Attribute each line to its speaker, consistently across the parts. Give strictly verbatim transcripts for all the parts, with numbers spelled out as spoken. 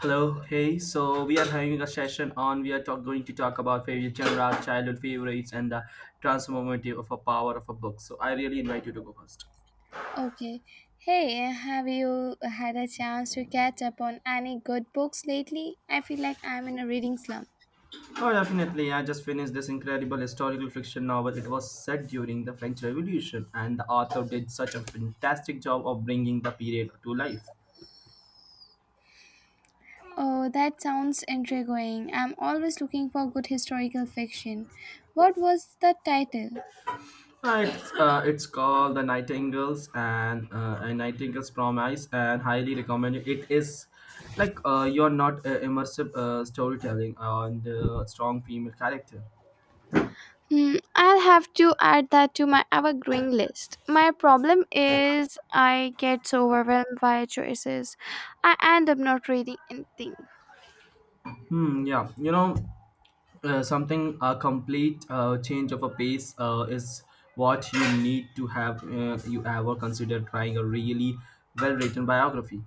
Speaker 1: Hello, hey. So we are having a session on. We are talk, going to talk about favorite genre, childhood favorites, and the transformative of a power of a book. So I really invite you to go first.
Speaker 2: Okay. Hey, uh, have you had a chance to catch up on any good books lately? I feel like I'm in a reading slump.
Speaker 1: Oh, definitely. I just finished this incredible historical fiction novel. It was set during the French Revolution, and the author did such a fantastic job of bringing the period to life.
Speaker 2: Oh, that sounds intriguing. I'm always looking for good historical fiction. What was the title?
Speaker 1: Uh, It's, uh, it's called The Nightingales and uh, a Nightingale's Promise, and highly recommend it. It is like uh, you're not uh, immersive uh, storytelling and uh, strong female character.
Speaker 2: Hmm, I'll have to add that to my evergreen list. My problem is I get so overwhelmed by choices, I end up not reading anything.
Speaker 1: Hmm, yeah, you know, uh, something a complete uh, change of a pace uh, is what you need to have. Uh, you ever consider trying a really well written biography.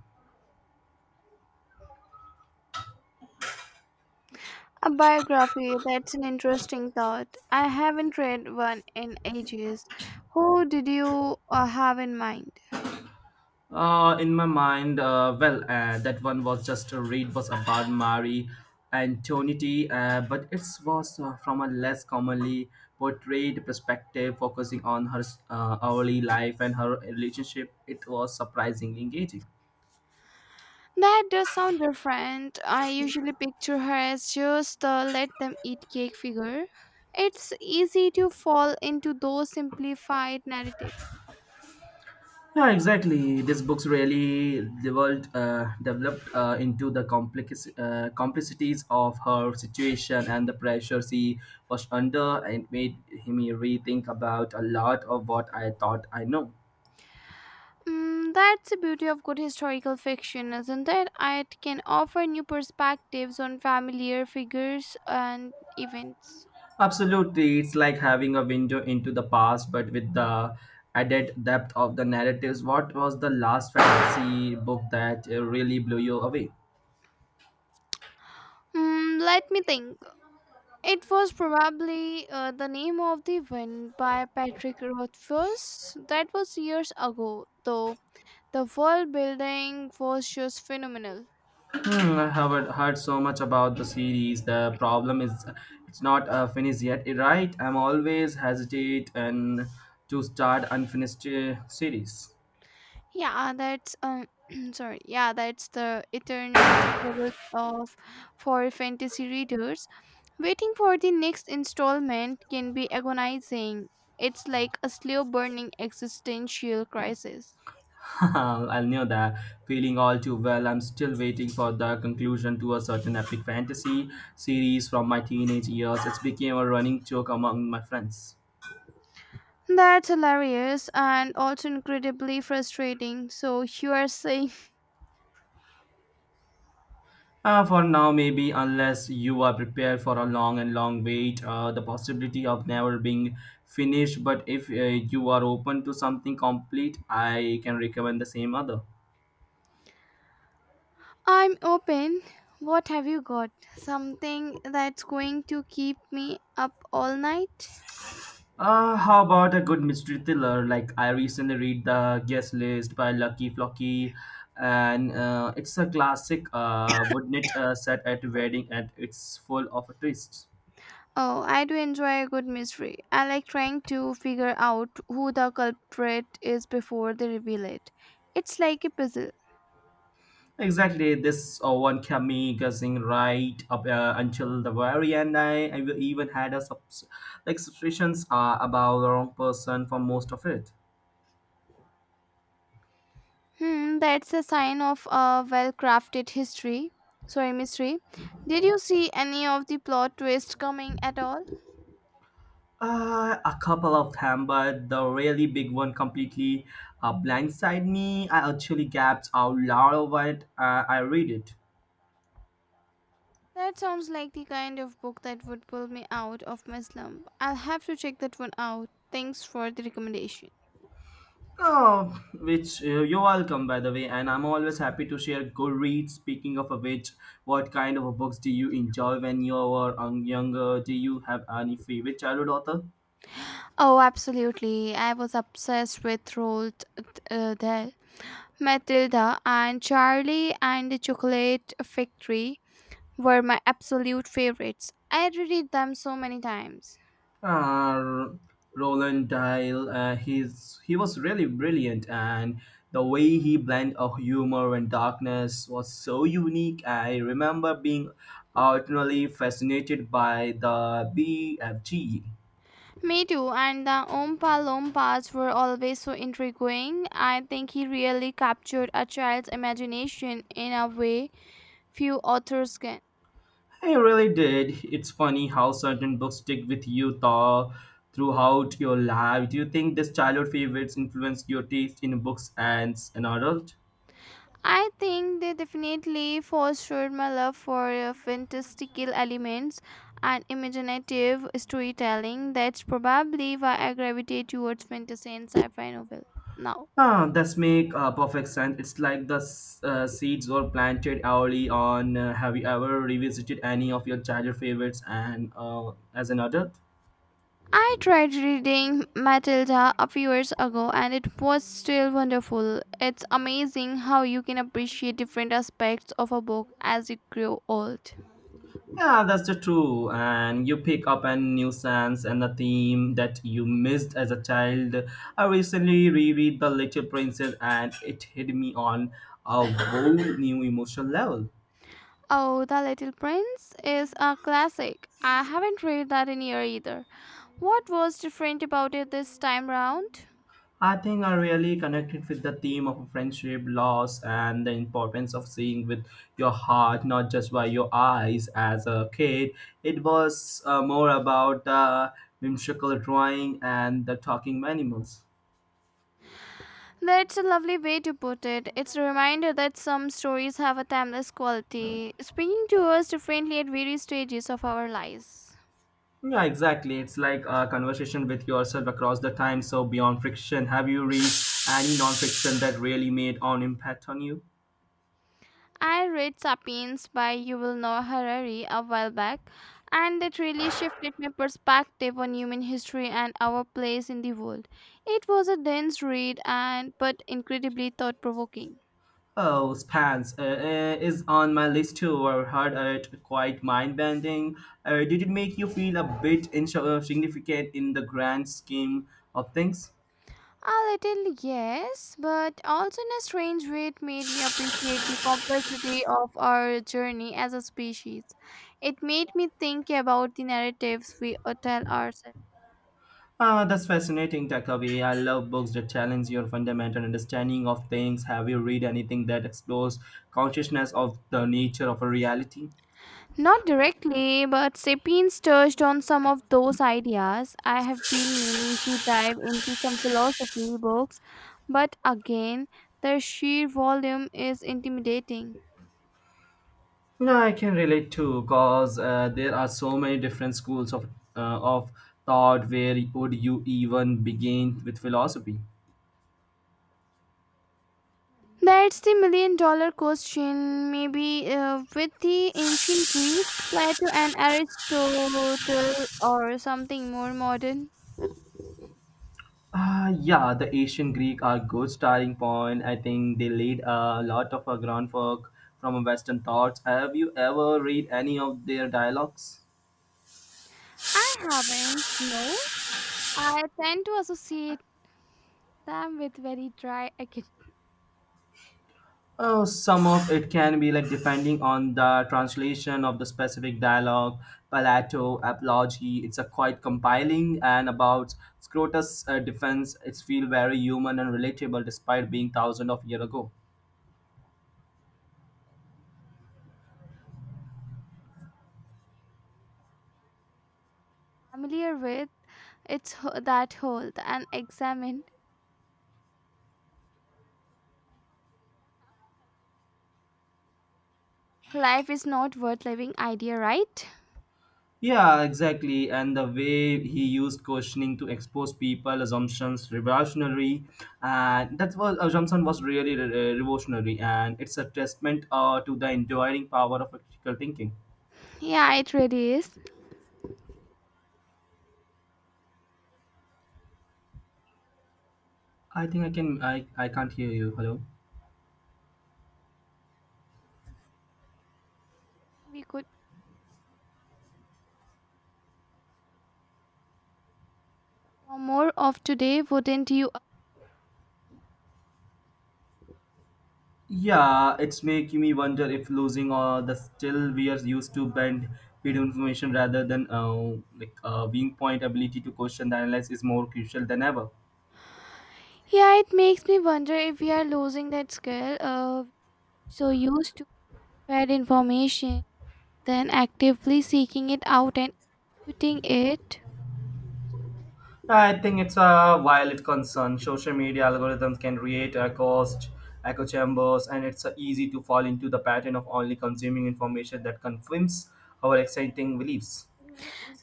Speaker 2: A biography, that's an interesting thought. I haven't read one in ages. Who did you uh, have in mind?
Speaker 1: Uh, in my mind, uh, well, uh, that one was just a read was about Marie Antoinette, uh, but it was uh, from a less commonly portrayed perspective, focusing on her uh, early life and her relationship. It was surprisingly engaging.
Speaker 2: That does sound different. I usually picture her as just the let them eat cake figure. It's easy to fall into those simplified narratives.
Speaker 1: Yeah, exactly. These books really developed, uh, developed uh, into the complex, uh, complexities of her situation and the pressure she was under, and it made him rethink about a lot of what I thought I know.
Speaker 2: Mm, that's the beauty of good historical fiction, isn't it? It can offer new perspectives on familiar figures and events.
Speaker 1: Absolutely, it's like having a window into the past, but with the added depth of the narratives. What was the last fantasy book that uh, really blew you away?
Speaker 2: Hmm, let me think. It was probably uh, the name of the wind by Patrick Rothfuss. That was years ago, though. The world building was just phenomenal.
Speaker 1: Hmm, I haven't heard so much about the series. The problem is it's not uh, finished yet, eh, right? I'm always hesitate and to start unfinished uh, series.
Speaker 2: Yeah, that's um, sorry. Yeah, that's the eternal struggles of for fantasy readers. Waiting for the next installment can be agonizing. It's like a slow burning existential crisis.
Speaker 1: I know that feeling all too well. I'm still waiting for the conclusion to a certain epic fantasy series from my teenage years. It's became a running joke among my friends.
Speaker 2: That's hilarious and also incredibly frustrating. So you are saying
Speaker 1: Uh, for now, maybe, unless you are prepared for a long and long wait, uh, the possibility of never being finished. But if uh, you are open to something complete, I can recommend the same other.
Speaker 2: I'm open. What have you got? Something that's going to keep me up all night?
Speaker 1: Uh, how about a good mystery thriller? Like I recently read The Guest List by Lucky Flocky, and uh, it's a classic. Uh, wouldn't it uh, set at a wedding and it's full of twists.
Speaker 2: Oh, I do enjoy a good mystery. I like trying to figure out who the culprit is before they reveal it. It's like a puzzle.
Speaker 1: Exactly, this uh, one kept me guessing right up uh, until the very end. I, I even had a subs- like suspicions uh, about the wrong person for most of it.
Speaker 2: Hmm, that's a sign of a well crafted history. Sorry, mystery. Did you see any of the plot twist coming at all?
Speaker 1: Uh, a couple of them, but the really big one completely uh, blindsided me. I actually gasped out loud when uh, I read it.
Speaker 2: That sounds like the kind of book that would pull me out of my slump. I'll have to check that one out. Thanks for the recommendation.
Speaker 1: Oh, which uh, you're welcome, by the way, and I'm always happy to share good reads. Speaking of which, what kind of books do you enjoy when you were um, younger? Do you have any favorite childhood author?
Speaker 2: Oh, absolutely. I was obsessed with Roald uh, Dahl. Matilda and Charlie and the Chocolate Factory were my absolute favorites. I reread them so many times.
Speaker 1: Uh, Roland Dahl, uh, he's, he was really brilliant, and the way he blended of humor and darkness was so unique. I remember being utterly fascinated by the B F G.
Speaker 2: Me too, and the Oompa Loompas were always so intriguing. I think he really captured a child's imagination in a way few authors can.
Speaker 1: I really did. It's funny how certain books stick with you tho- throughout your life. Do you think these childhood favorites influence your taste in books as an adult?
Speaker 2: I think they definitely fostered my love for uh, fantastical elements and imaginative storytelling. That's probably why I gravitate towards fantasy and sci fi novel now.
Speaker 1: Ah, that's make uh, perfect sense. It's like the s- uh, seeds were planted early on. Uh, have you ever revisited any of your childhood favorites and uh, as an adult?
Speaker 2: I tried reading Matilda a few years ago and it was still wonderful. It's amazing how you can appreciate different aspects of a book as you grow old.
Speaker 1: Yeah, that's the true. And you pick up a new sense and a theme that you missed as a child. I recently reread The Little Princess and it hit me on a whole new emotional level.
Speaker 2: Oh, The Little Prince is a classic. I haven't read that in year either. What was different about it this time round?
Speaker 1: I think I really connected with the theme of friendship, loss, and the importance of seeing with your heart, not just by your eyes as a kid. It was uh, more about the whimsical drawing and the talking animals.
Speaker 2: That's a lovely way to put it. It's a reminder that some stories have a timeless quality, speaking to us differently at various stages of our lives.
Speaker 1: Yeah, exactly. It's like a conversation with yourself across the time. So beyond fiction, have you read any non-fiction that really made an impact on you?
Speaker 2: I read Sapiens by Yuval Noah Harari a while back, and it really shifted my perspective on human history and our place in the world. It was a dense read and but incredibly thought-provoking.
Speaker 1: Oh, Spans uh, uh, is on my list too. I heard it quite mind-bending. Uh, did it make you feel a bit insignificant in the grand scheme of things?
Speaker 2: A little, yes, but also in a strange way, it made me appreciate the complexity of our journey as a species. It made me think about the narratives we uh, tell ourselves.
Speaker 1: Ah, that's fascinating, Takavi. I love books that challenge your fundamental understanding of things. Have you read anything that explores consciousness of the nature of a reality?
Speaker 2: Not directly, but Sapiens touched on some of those ideas. I have been meaning to dive into some philosophy books, but again, their sheer volume is intimidating.
Speaker 1: Yeah, I can relate too, cause uh, there are so many different schools of uh, of thought. Where would you even begin with philosophy?
Speaker 2: That's the million dollar question. Maybe uh, with the ancient Greeks, Plato and Aristotle, or something more modern.
Speaker 1: Ah, yeah, the ancient Greek are good starting point. I think they laid a lot of a groundwork from Western thoughts. Have you ever read any of their dialogues?
Speaker 2: I haven't, no. I tend to associate them with very dry academic.
Speaker 1: Oh, some of it can be like depending on the translation of the specific dialogue, palato, apology. It's a quite compiling and about Scrotus' uh, defense. It's feel very human and relatable despite being thousands of years ago.
Speaker 2: Familiar with it's ho- that whole and examine life is not worth living idea, right?
Speaker 1: Yeah, exactly. And the way he used questioning to expose people assumptions revolutionary, and that was assumption was really re- revolutionary, and it's a testament uh, to the enduring power of critical thinking.
Speaker 2: Yeah, it really is.
Speaker 1: I think I can I, I can't hear you. Hello.
Speaker 2: We could know more of today, wouldn't you?
Speaker 1: Yeah, it's making me wonder if losing uh, the still we are used to bend feed information rather than uh, like uh, being point ability to question the analyze is more crucial than ever.
Speaker 2: Yeah, it makes me wonder if we are losing that skill, uh so used to fair information then actively seeking it out and putting it.
Speaker 1: I think it's a valid concern. Social media algorithms can create a cost echo chambers, and it's uh, easy to fall into the pattern of only consuming information that confirms our exciting beliefs.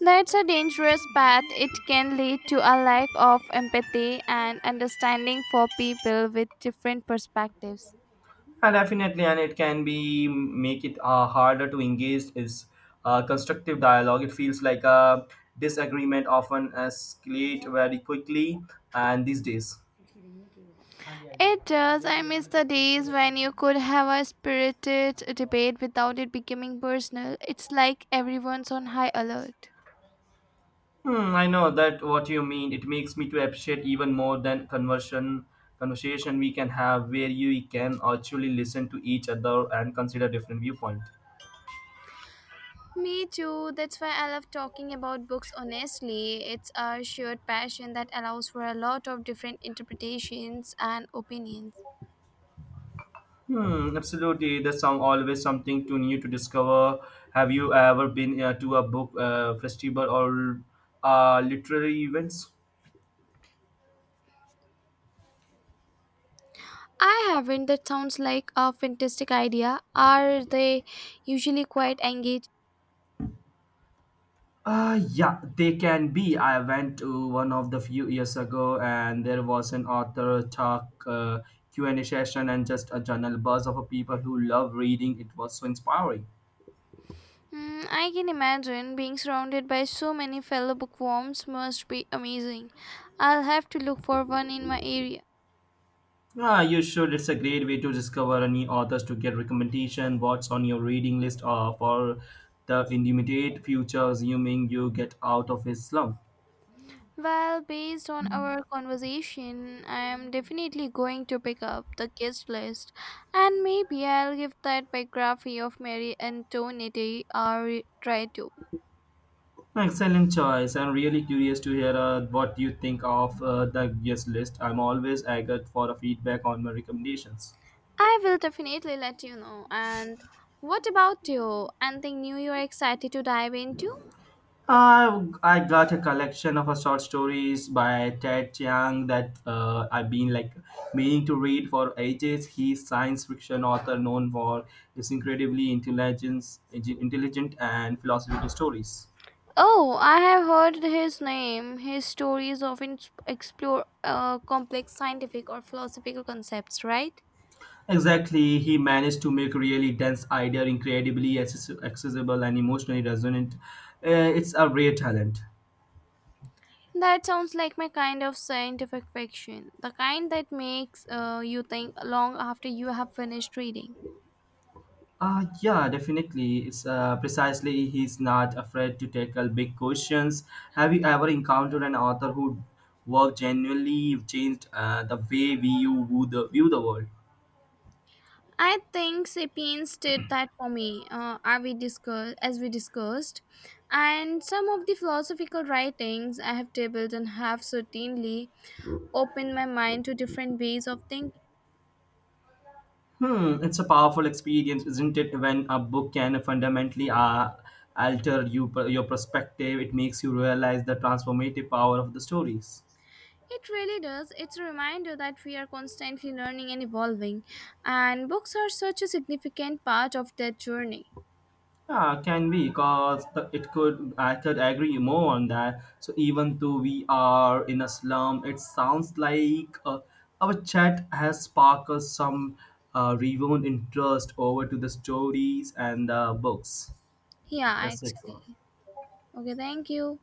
Speaker 2: That's a dangerous path. It can lead to a lack of empathy and understanding for people with different perspectives.
Speaker 1: And definitely, and it can be make it uh, harder to engage is uh, constructive dialogue. It feels like a disagreement often escalate very quickly, and these days.
Speaker 2: It does. I miss the days when you could have a spirited debate without it becoming personal. It's like everyone's on high alert.
Speaker 1: Hmm, I know that what you mean. It makes me to appreciate even more than conversion conversation we can have where you can actually listen to each other and consider different viewpoint.
Speaker 2: Me too. That's why I love talking about books honestly. It's a shared passion that allows for a lot of different interpretations and opinions.
Speaker 1: Hmm, absolutely. The song always something to new to discover. Have you ever been uh, to a book uh, festival or uh, literary events?
Speaker 2: I haven't. That sounds like a fantastic idea. Are they usually quite engaging?
Speaker 1: Uh, yeah, they can be. I went to one of the few years ago, and there was an author talk uh, Q and A session, and just a general buzz of people who love reading. It was so inspiring.
Speaker 2: Hmm, I can imagine being surrounded by so many fellow bookworms must be amazing. I'll have to look for one in my area.
Speaker 1: Ah, you should. It's a great way to discover new authors to get recommendation. What's on your reading list or for the immediate future, assuming you get out of his slump?
Speaker 2: Well, based on our conversation, I am definitely going to pick up the guest list and maybe I'll give that biography of Mary Antoinette a re- try too.
Speaker 1: Excellent choice. I'm really curious to hear uh, what you think of uh, the guest list. I'm always eager for a feedback on my recommendations.
Speaker 2: I will definitely let you know. And what about you? Anything new you're excited to dive into?
Speaker 1: Uh, I got a collection of uh, short stories by Ted Chiang that uh, I've been like meaning to read for ages. He's science fiction author known for his incredibly intelligence, intelligent and philosophical stories.
Speaker 2: Oh, I have heard his name. His stories often s- explore uh, complex scientific or philosophical concepts, right?
Speaker 1: Exactly, he managed to make really dense idea incredibly access- accessible and emotionally resonant. Uh, it's a rare talent.
Speaker 2: That sounds like my kind of scientific fiction, the kind that makes uh, you think long after you have finished reading.
Speaker 1: Uh, yeah, definitely. It's uh, precisely he's not afraid to tackle big questions. Have you ever encountered an author who work genuinely changed uh, the way we you view the, view the world?
Speaker 2: I think Sapiens did that for me, uh, as, we discuss- as we discussed, and some of the philosophical writings I have tabled and have certainly opened my mind to different ways of thinking.
Speaker 1: Hmm, it's a powerful experience, isn't it? When a book can fundamentally uh, alter you, your perspective, it makes you realize the transformative power of the stories.
Speaker 2: It really does. It's a reminder that we are constantly learning and evolving, and books are such a significant part of that journey.
Speaker 1: Yeah, can be because the, it could I could agree more on that. So even though we are in a slum, it sounds like uh, our chat has sparked some uh, rewound interest over to the stories and the books.
Speaker 2: Yeah,
Speaker 1: That's it for.
Speaker 2: actually. Okay, thank you.